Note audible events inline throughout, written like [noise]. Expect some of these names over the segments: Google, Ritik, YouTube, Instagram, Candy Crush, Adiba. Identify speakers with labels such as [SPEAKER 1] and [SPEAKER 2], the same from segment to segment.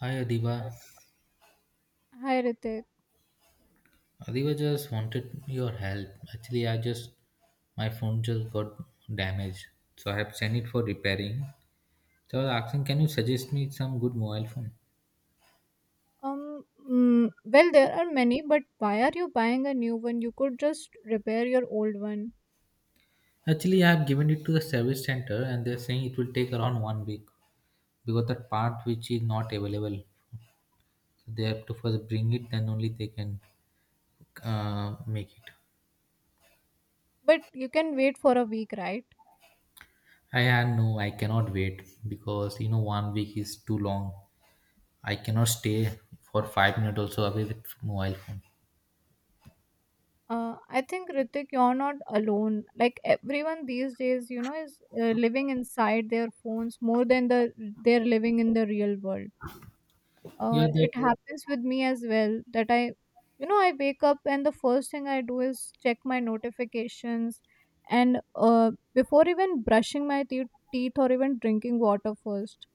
[SPEAKER 1] Hi Adiba.
[SPEAKER 2] Hi Ritik.
[SPEAKER 1] Adiba just wanted your help. Actually, I just my phone just got damaged, so I have sent it for repairing. So I was asking, can you suggest me some good mobile phone?
[SPEAKER 2] Well, there are many, but why are you buying a new one? You could just repair your old one.
[SPEAKER 1] Actually, I have given it to the service center, and they're saying it will take around 1 week because the part which is not available, they have to first bring it, then only they can make it.
[SPEAKER 2] But you can wait for a week, right?
[SPEAKER 1] I had no, I cannot wait because you know 1 week is too long. I cannot stay for 5 minutes also away with mobile phone.
[SPEAKER 2] I think, Ritik, you're not alone. Like everyone these days, is living inside their phones more than they're living in the real world.
[SPEAKER 1] Yeah, that
[SPEAKER 2] It, yeah, happens with me as well that I you know I wake up and the first thing I do is check my notifications. And before even brushing my teeth or even drinking water first.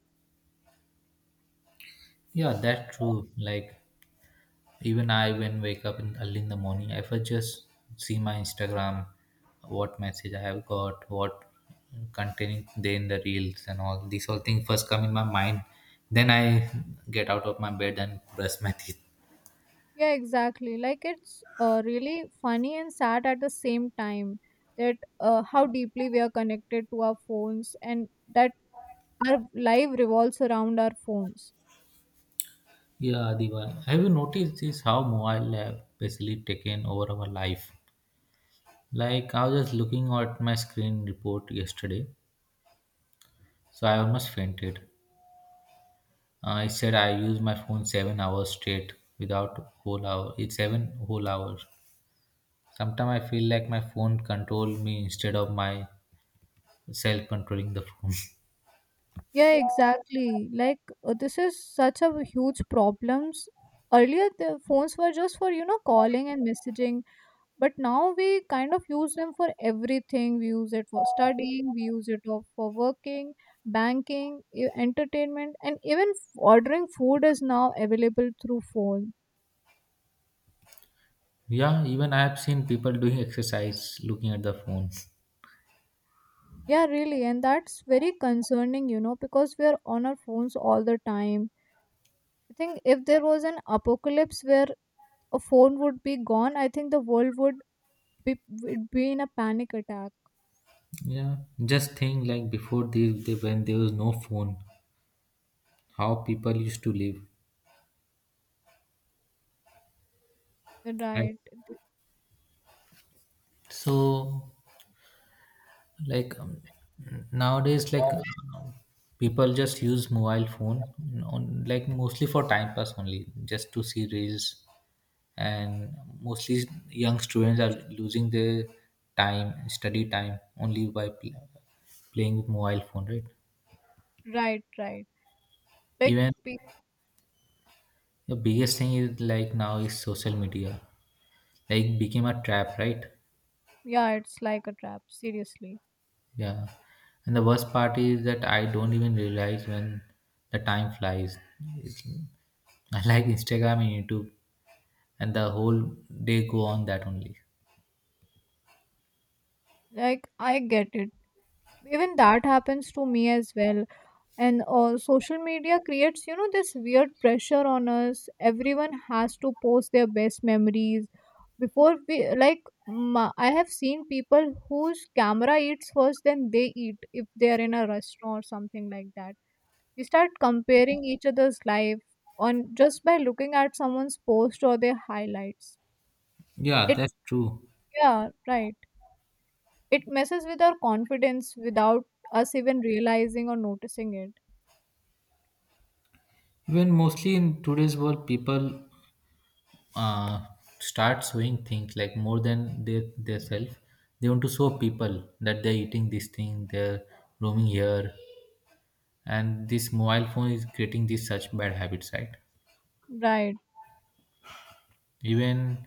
[SPEAKER 1] yeah, that's true. Like even I when wake up in early in the morning, I first just see my Instagram, what message I have got, what containing there in the reels and all these all things first come in my mind. Then I get out of my bed and brush my [laughs] teeth.
[SPEAKER 2] Yeah, exactly. Like, it's really funny and sad at the same time that, how deeply we are connected to our phones and that our life revolves around our phones.
[SPEAKER 1] Yeah, Adiba. Have you noticed this how mobile have basically taken over our life? Like I was just looking at my screen report yesterday, so I almost fainted. I said I use my phone 7 hours straight without whole hour. It's 7 whole hours. Sometimes I feel like my phone control me instead of my self controlling the phone.
[SPEAKER 2] Yeah, exactly. Like, this is such a huge problems. Earlier, the phones were just for calling and messaging, but now we kind of use them for everything. We use it for studying, we use it for working, banking, entertainment, and even ordering food is now available through phone.
[SPEAKER 1] [laughs] Yeah, even I have seen people doing exercise looking at the phone.
[SPEAKER 2] Yeah, really, and that's very concerning, because we are on our phones all the time. I think if there was an apocalypse where a phone would be gone, I think the world would be in a panic attack.
[SPEAKER 1] Yeah, just think like before this, they, when there was no phone, how people used to live. Right.
[SPEAKER 2] Right.
[SPEAKER 1] So like nowadays like people just use mobile phone on like mostly for time pass only just to see reels and mostly young students are losing their time study time only by playing with mobile phone, right?
[SPEAKER 2] Right, right. Like
[SPEAKER 1] Even
[SPEAKER 2] pe-
[SPEAKER 1] the biggest thing is like now is social media, like became a trap, right?
[SPEAKER 2] yeah, it's like a trap, seriously.
[SPEAKER 1] Yeah. And the worst part is that I don't even realize when the time flies. It's, [laughs] I like Instagram and YouTube, and the whole day go on that only.
[SPEAKER 2] Like, I get it. Even that happens to me as well. And social media creates this weird pressure on us. Everyone has to post their best memories, before we like ma- I have seen people whose camera eats first, then they eat if they are in a restaurant or something like that. We start comparing each other's life on, just by looking at someone's post or their highlights.
[SPEAKER 1] Yeah,
[SPEAKER 2] It
[SPEAKER 1] that's true.
[SPEAKER 2] Yeah, right. It messes with our confidence without us even realizing or noticing it,
[SPEAKER 1] Even mostly in today's world, people uh, start showing things like more than their self. They want to show people that they're eating this thing, they're roaming here, and this mobile phone is creating these such bad habits, right?
[SPEAKER 2] right?
[SPEAKER 1] Even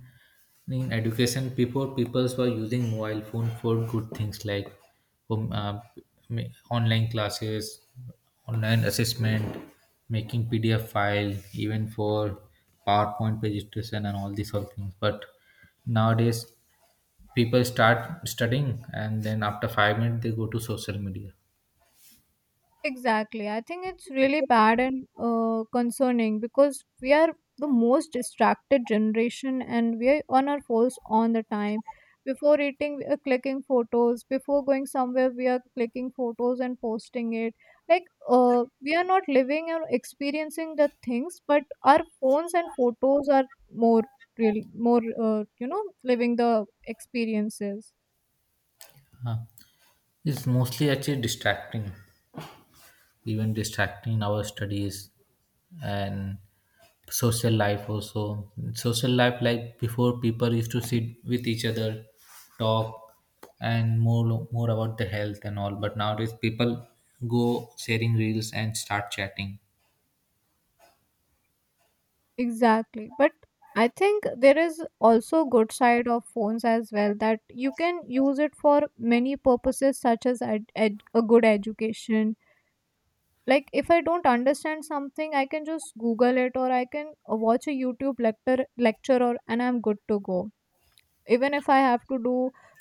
[SPEAKER 1] in education, before people were using mobile phone for good things like um, uh, ma- online classes, online assessment, making PDF file, even for PowerPoint presentation and all these all things. But nowadays, people start studying and then after 5 minutes they go to social media.
[SPEAKER 2] Exactly. I think it's really bad and concerning because we are the most distracted generation and we are on our phones all the time. Before eating, we are clicking photos. Before going somewhere, we are clicking photos and posting it. Like, we are not living or experiencing the things, but our phones and photos are more really more, living the experiences.
[SPEAKER 1] Uh, it's mostly actually distracting, even distracting our studies and social life also. Social life like before, people used to sit with each other, talk and more about the health and all, but nowadays people go sharing reels and start chatting.
[SPEAKER 2] Exactly. But I think there is also good side of phones as well that you can use it for many purposes such as a good education. Like, if I don't understand something, I can just Google it or I can watch a YouTube lecture or and I'm good to go. Even if I have to do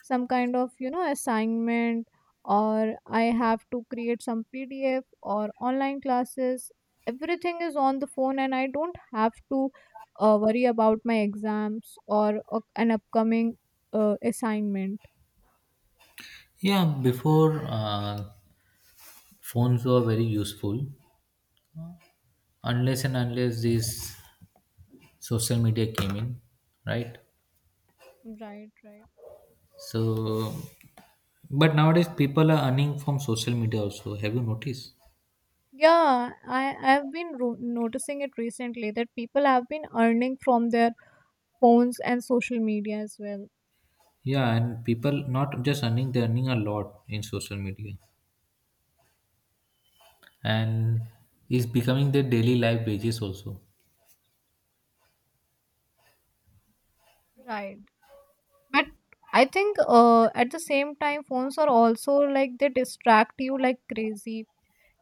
[SPEAKER 2] some kind of assignment, or I have to create some PDF or online classes. Everything is on the phone and I don't have to worry about my exams or an upcoming assignment.
[SPEAKER 1] Yeah, before phones were very useful unless and unless these social media came in, right?
[SPEAKER 2] Right, right.
[SPEAKER 1] So but nowadays people are earning from social media also, have you noticed?
[SPEAKER 2] Yeah, I've been noticing it recently that people have been earning from their phones and social media as well.
[SPEAKER 1] Yeah, and people not just earning, they're earning a lot in social media. And it's becoming their daily life wages also.
[SPEAKER 2] Right. But I think at the same time, phones are also like they distract you like crazy.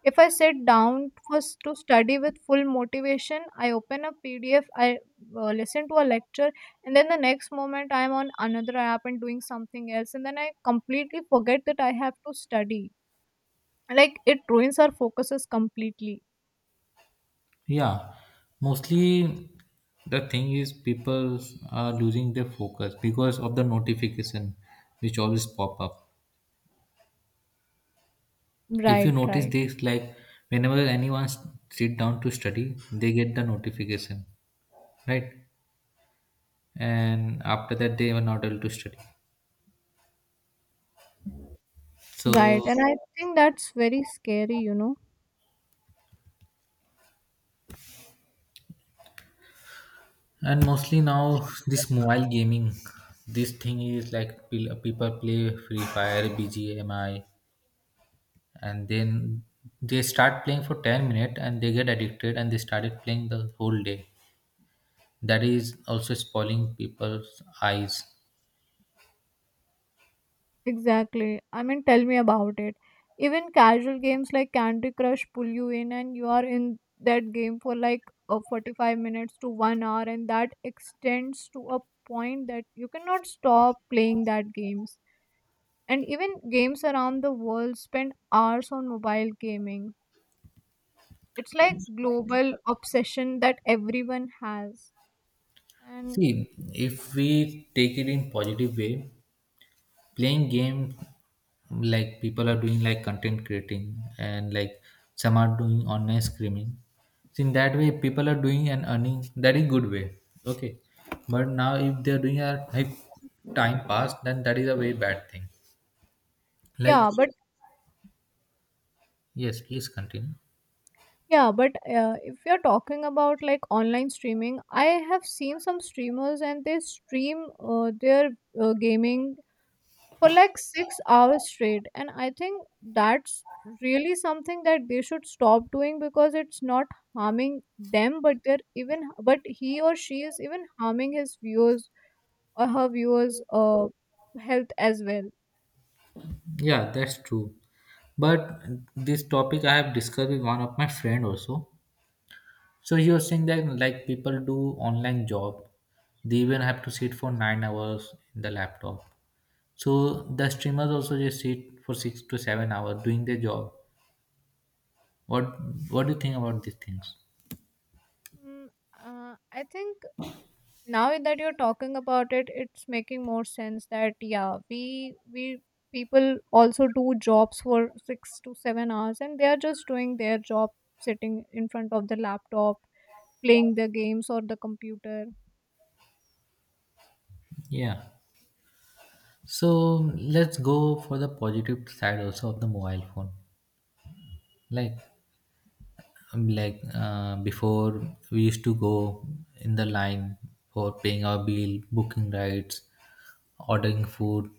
[SPEAKER 2] If I sit down first to study with full motivation, I open a PDF, I listen to a lecture, and then the next moment I'm on another app and doing something else, and then I completely forget that I have to study. Like, it ruins our focuses completely.
[SPEAKER 1] Yeah. Mostly the thing is people are losing their focus because of the notification which always pop up. If you
[SPEAKER 2] Right,
[SPEAKER 1] notice
[SPEAKER 2] right,
[SPEAKER 1] this like whenever sit down to study, they get the notification. Right? And after that they were not able to study. So
[SPEAKER 2] right. And I think that's very scary.
[SPEAKER 1] and mostly now this mobile gaming, this thing is like people play free fire bgmi and then they start playing for 10 minutes and they get addicted and they started playing the whole day. That is also spoiling people's eyes.
[SPEAKER 2] Exactly. I mean, tell me about it. Even casual games like Candy Crush pull you in, and you are in that game for like 45 minutes to 1 hour, and that extends to a point that you cannot stop playing that games. And even games around the world spend hours on mobile gaming. It's like global obsession that everyone has. And
[SPEAKER 1] See, if we take it in positive way, playing game like people are doing like content creating and like some are doing online streaming, so in that way people are doing and earning, that is good way. Okay, but now if they're doing a like time pass, then that is a very bad thing. Like,
[SPEAKER 2] yeah, but
[SPEAKER 1] yes please continue.
[SPEAKER 2] Yeah, but if you're talking about like online streaming, I have seen some streamers and they stream their gaming for like 6 hours straight. And I think that's really something that they should stop doing because it's not harming them, but he or she is even harming his viewers or her viewers' health as well.
[SPEAKER 1] Yeah, that's true, but this topic I have discussed with one of my friend also, so he was saying that like people do online job, they even have to sit for 9 hours in the laptop. So the streamers also just sit for 6 to 7 hours doing their job. What what do you think about these things?
[SPEAKER 2] Mm, I think now that you're talking about it, it's making more sense that yeah, we people also do jobs for 6 to 7 hours and they are just doing their job sitting in front of the laptop playing their games or the computer.
[SPEAKER 1] Yeah. So let's go for the positive side also of the mobile phone. Like like before we used to go in the line for paying our bill, booking rides, ordering food,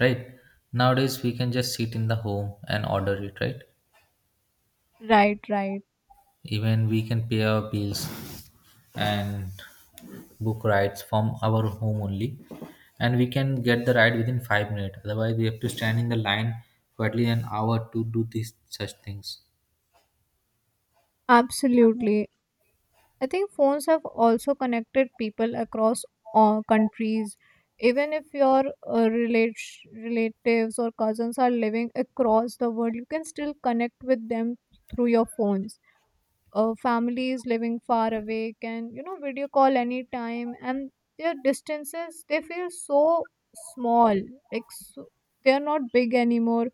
[SPEAKER 1] right? Nowadays we can just sit in the home and order it, right?
[SPEAKER 2] Right, right.
[SPEAKER 1] Even we can pay our bills and book rides from our home only, and we can get the ride within 5 minutes. Otherwise, we have to stand in the line for at least an hour to do these such things.
[SPEAKER 2] Absolutely. I think phones have also connected people across all countries. Even if your relatives or cousins are living across the world, you can still connect with them through your phones. Families living far away can, video call anytime, and their distances they feel so small. Like, so they are not big anymore.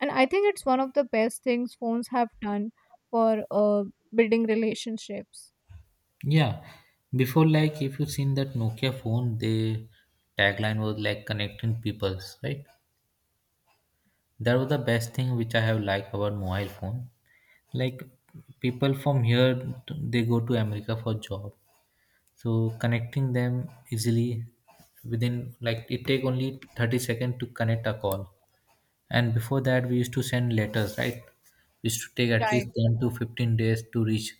[SPEAKER 2] And I think it's one of the best things phones have done for building relationships.
[SPEAKER 1] Yeah, before like if you've seen that Nokia phone, the tagline was like connecting peoples, right? That was the best thing which I have liked about mobile phone. Like people from here, they go to America for job, so connecting them easily within like it take only 30 seconds to connect a call. And before that we used to send letters, right? We used to take at least
[SPEAKER 2] Right,
[SPEAKER 1] 10 to 15 days to reach.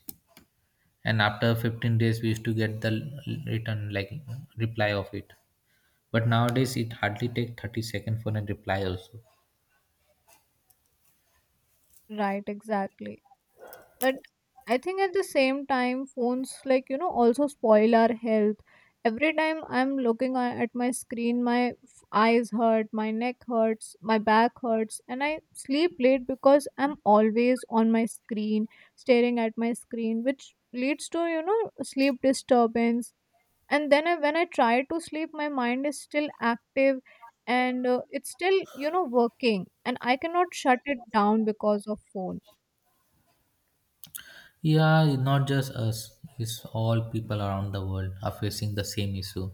[SPEAKER 1] And after 15 days we used to get the return like reply of it. But nowadays it hardly take 30 seconds for a reply also.
[SPEAKER 2] right, exactly. But I think at the same time, phones, like, also spoil our health. Every time I'm looking at my screen, my eyes hurt, my neck hurts, my back hurts, and I sleep late because I'm always on my screen staring at my screen, which leads to, sleep disturbance. And then, when I try to sleep, my mind is still active, and it's still working and I cannot shut it down because of phone.
[SPEAKER 1] Yeah, not just us. It's all people around the world are facing the same issue.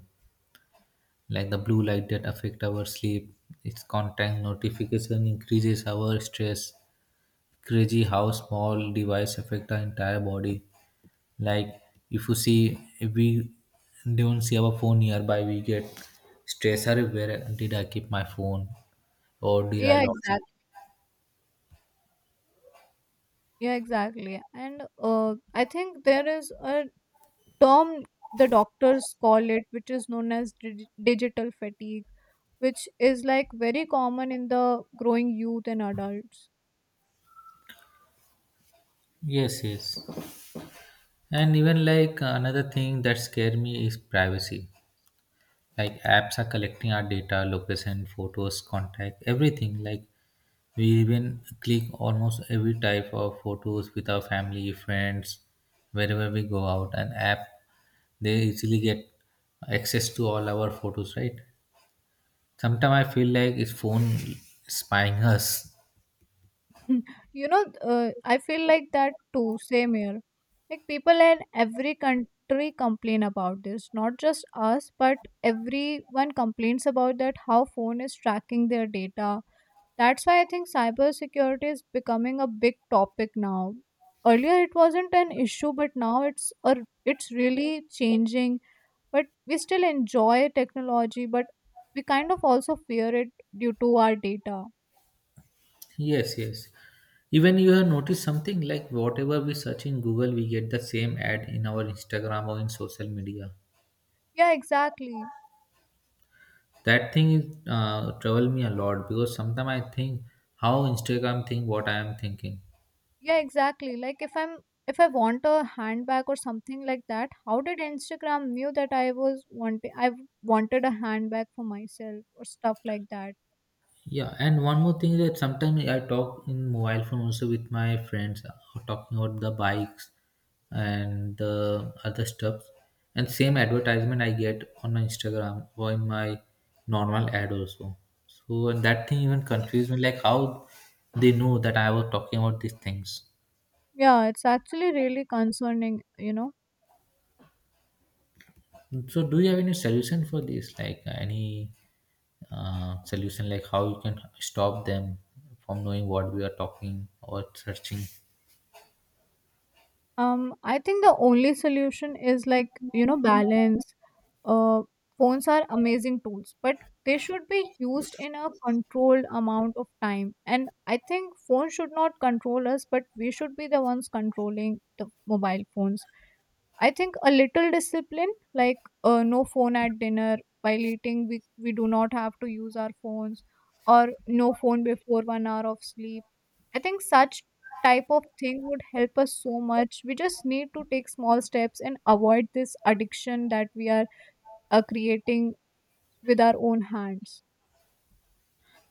[SPEAKER 1] Like the blue light that affect our sleep, its contact notification increases our stress. Crazy how small device affect our entire body. Like if you see, if we don't see our phone nearby, we get stress. Are, where did I keep my phone, or did I
[SPEAKER 2] Yeah,
[SPEAKER 1] lost it?
[SPEAKER 2] exactly. Yeah, exactly. And I think there is a term the doctors call it, which is known as digital fatigue, which is like very common in the growing youth and adults.
[SPEAKER 1] Yes, yes. And even like another thing that scare me is privacy. Like apps are collecting our data, location, photos, contact, everything. Like we even click almost every type of photos with our family, friends, wherever we go out. And app, they easily get access to all our photos, right? Sometimes I feel like it's phone spying [laughs] us.
[SPEAKER 2] [laughs] I feel like that too, same here. Like, people in every country complain about this, not just us, but everyone complains about that how phone is tracking their data. That's why I think cybersecurity is becoming a big topic now. Earlier it wasn't an issue, but now, it's really changing. But we still enjoy technology, but we kind of also fear it due to our data.
[SPEAKER 1] Yes, yes. Even you have noticed something like whatever we search in Google, we get the same ad in our Instagram or in social media.
[SPEAKER 2] Yeah, exactly.
[SPEAKER 1] That thing is trouble me a lot because sometimes I think how Instagram think what I am thinking.
[SPEAKER 2] Yeah, exactly. Like, if I want a handbag or something like that, how did Instagram knew that I was wanting I wanted a handbag for myself or stuff like that?
[SPEAKER 1] Yeah, and one more thing is that sometimes I talk in mobile phone also with my friends talking about the bikes and the other stuff. And same advertisement I get on my Instagram or in my normal ad also. So and that thing even confused me like how they know that I was talking about these things.
[SPEAKER 2] Yeah, it's actually really concerning.
[SPEAKER 1] So do you have any solution for this? Like any solution like how you can stop them from knowing what we are talking or searching?
[SPEAKER 2] I think the only solution is like, balance. Uh, Phones are amazing tools, but they should be used in a controlled amount of time. And I think phones should not control us, but we should be the ones controlling the mobile phones. I think a little discipline, like no phone at dinner while eating, we do not have to use our phones, or no phone before 1 hour of sleep. I think such type of thing would help us so much. We just need to take small steps and avoid this addiction that we are creating with our own hands.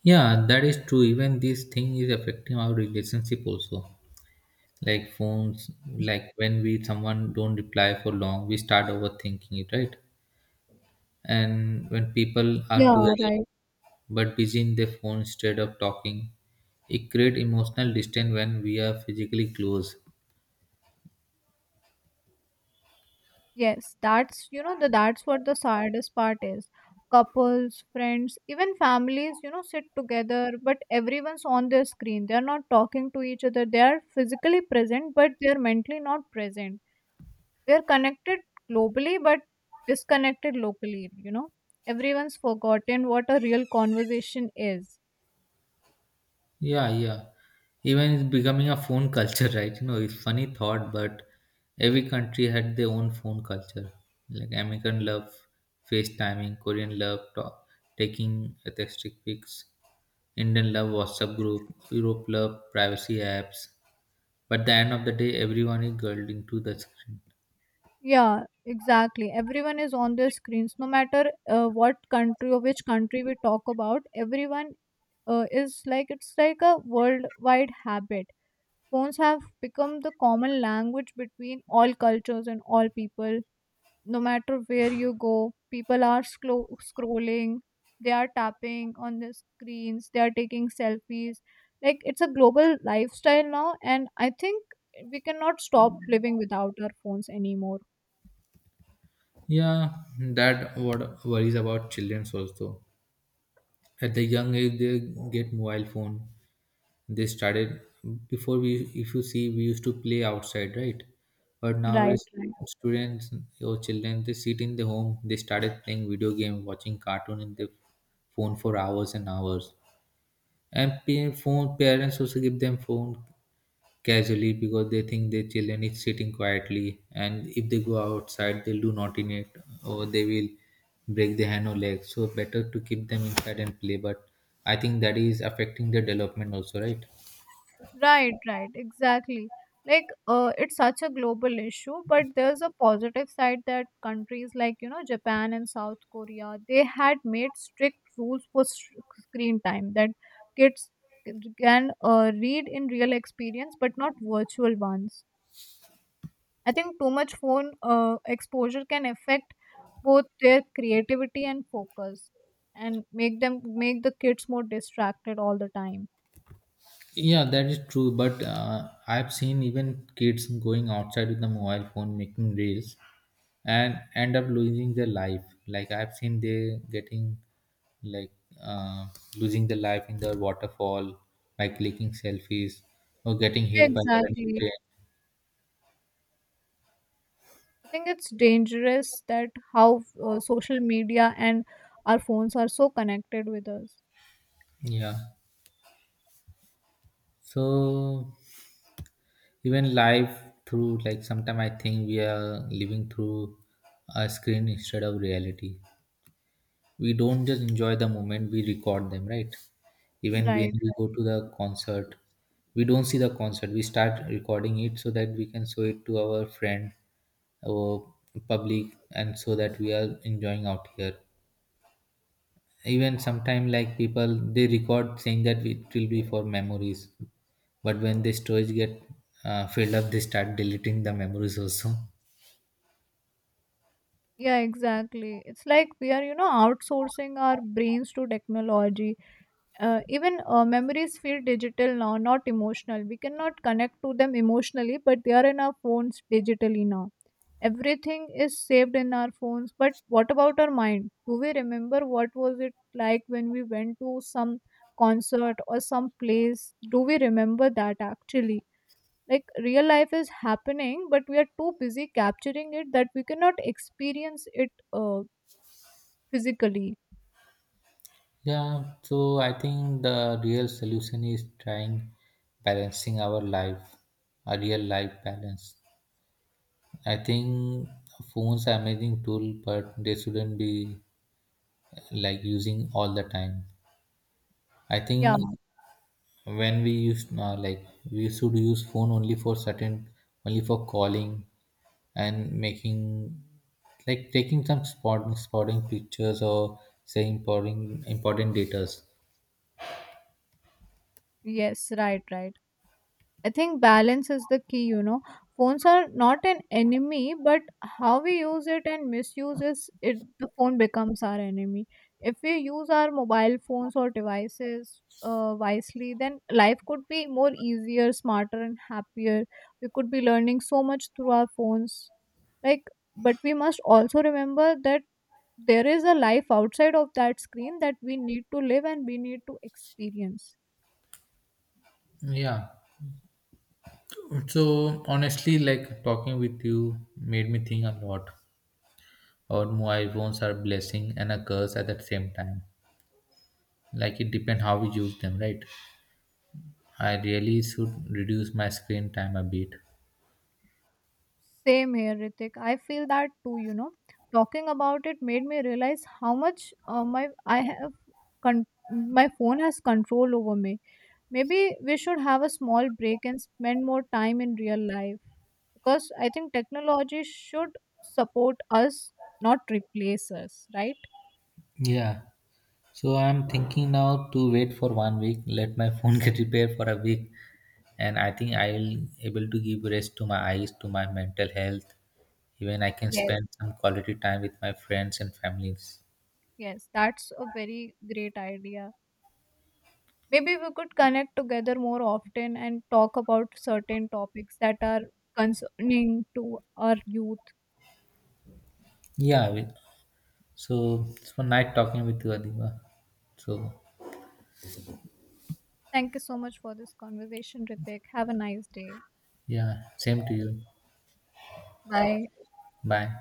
[SPEAKER 1] Yeah, that is true. Even this thing is affecting our relationship also. Like phones, like when we someone don't reply for long, we start overthinking it, right? And when people are
[SPEAKER 2] Yeah,
[SPEAKER 1] together
[SPEAKER 2] right.
[SPEAKER 1] but busy in their phone instead of talking, it create emotional distance when we are physically close.
[SPEAKER 2] Yes, that's what the saddest part is. Couples, friends, even families, sit together, but everyone's on their screen. They're not talking to each other. They are physically present, but they're mentally not present. They're connected globally, but disconnected locally. Everyone's forgotten what a real conversation is.
[SPEAKER 1] Yeah, yeah. Even it's becoming a phone culture, [laughs] right? You know, it's funny thought, but every country had their own phone culture. Like American love FaceTiming, Korean love talk, taking texting pics, Indian love WhatsApp group, Europe love privacy apps. But the end of the day, everyone is girled into the screen.
[SPEAKER 2] Yeah, exactly. Everyone is on their screens, no matter what country or which country we talk about. Everyone, is like it's like a worldwide habit. Phones have become the common language between all cultures and all people. No matter where you go, people are scrolling, they are tapping on the screens, they are taking selfies. Like, it's a global lifestyle now, and I think we cannot stop living without our phones anymore.
[SPEAKER 1] Yeah, that what worries about children also. At the young age, they get mobile phone, they started before. We if you see we used to play outside, right? But
[SPEAKER 2] Right.
[SPEAKER 1] nowadays students or children, they sit in the home, they started playing video game, watching cartoon in the phone for hours and hours. And phone, parents also give them phone casually because they think their children is sitting quietly and if they go outside they'll do naughtiness or they will break their hand or leg, so better to keep them inside and play, but I think that is affecting their development also, right?
[SPEAKER 2] Right, right, exactly. Like, it's such a global issue, but there's a positive side that countries like, Japan and South Korea, they had made strict rules for screen time that kids can read in real experience, but not virtual ones. I think too much phone exposure can affect both their creativity and focus and make the kids more distracted all the time.
[SPEAKER 1] Yeah, that is true. But I've seen even kids going outside with the mobile phone making reels and end up losing their life. Like I've seen they getting like uh, losing their life in the waterfall by clicking selfies or getting hit by the running
[SPEAKER 2] Exactly.
[SPEAKER 1] train.
[SPEAKER 2] I think it's dangerous that how social media and our phones are so connected with us.
[SPEAKER 1] Yeah. So even life through like sometime I think we are living through a screen instead of reality. We don't just enjoy the moment, we record them, right? Even when
[SPEAKER 2] Right.
[SPEAKER 1] we go to the concert, we don't see the concert, we start recording it so that we can show it to our friend, our public, and so that we are enjoying out here. Even sometimes, like people, they record saying that it will be for memories, but when the storage get filled up, they start deleting the memories also.
[SPEAKER 2] Yeah, exactly. It's like we are outsourcing our brains to technology. Even memories feel digital now, not emotional. We cannot connect to them emotionally, but they are in our phones digitally now. Everything is saved in our phones, but what about our mind? Do we remember what was it like when we went to some concert or some place? Do we remember that actually? Like, real life is happening but we are too busy capturing it that we cannot experience it physically.
[SPEAKER 1] Yeah, so I think the real solution is trying balancing our life, a real life balance. I think phones are amazing tool, but they shouldn't be like using all the time. I
[SPEAKER 2] Yeah.
[SPEAKER 1] think when we use like we should use phone only for certain, only for calling and making like taking some spotting pictures or say important data.
[SPEAKER 2] Yes, right, right. I think balance is the key. Phones are not an enemy, but how we use it and misuse is it, the phone becomes our enemy. If we use our mobile phones or devices, wisely, then life could be more easier, smarter, and happier. We could be learning so much through our phones. Like, but we must also remember that there is a life outside of that screen that we need to live and we need to experience.
[SPEAKER 1] Yeah, so honestly, like talking with you made me think a lot. Our mobile phones are blessing and a curse at the same time. Like it depends how we use them, right? I really should reduce my screen time a bit.
[SPEAKER 2] Same here, Ritik. I feel that too. Talking about it made me realize how much my phone has control over me. Maybe we should have a small break and spend more time in real life because I think technology should support us, not replace us, right?
[SPEAKER 1] Yeah. So I'm thinking now to wait for 1 week, let my phone [laughs] get repaired for a week, and I think I'll able to give rest to my eyes, to my mental health. Even I can
[SPEAKER 2] Yes,
[SPEAKER 1] spend some quality time with my friends and families.
[SPEAKER 2] yes, that's a very great idea. Maybe we could connect together more often and talk about certain topics that are concerning to our youth.
[SPEAKER 1] Yeah, we- So it's one night talking with you, Adiba. So
[SPEAKER 2] Thank you so much for this conversation, Ritik. Have a nice day.
[SPEAKER 1] yeah, same to you.
[SPEAKER 2] Bye.
[SPEAKER 1] Bye.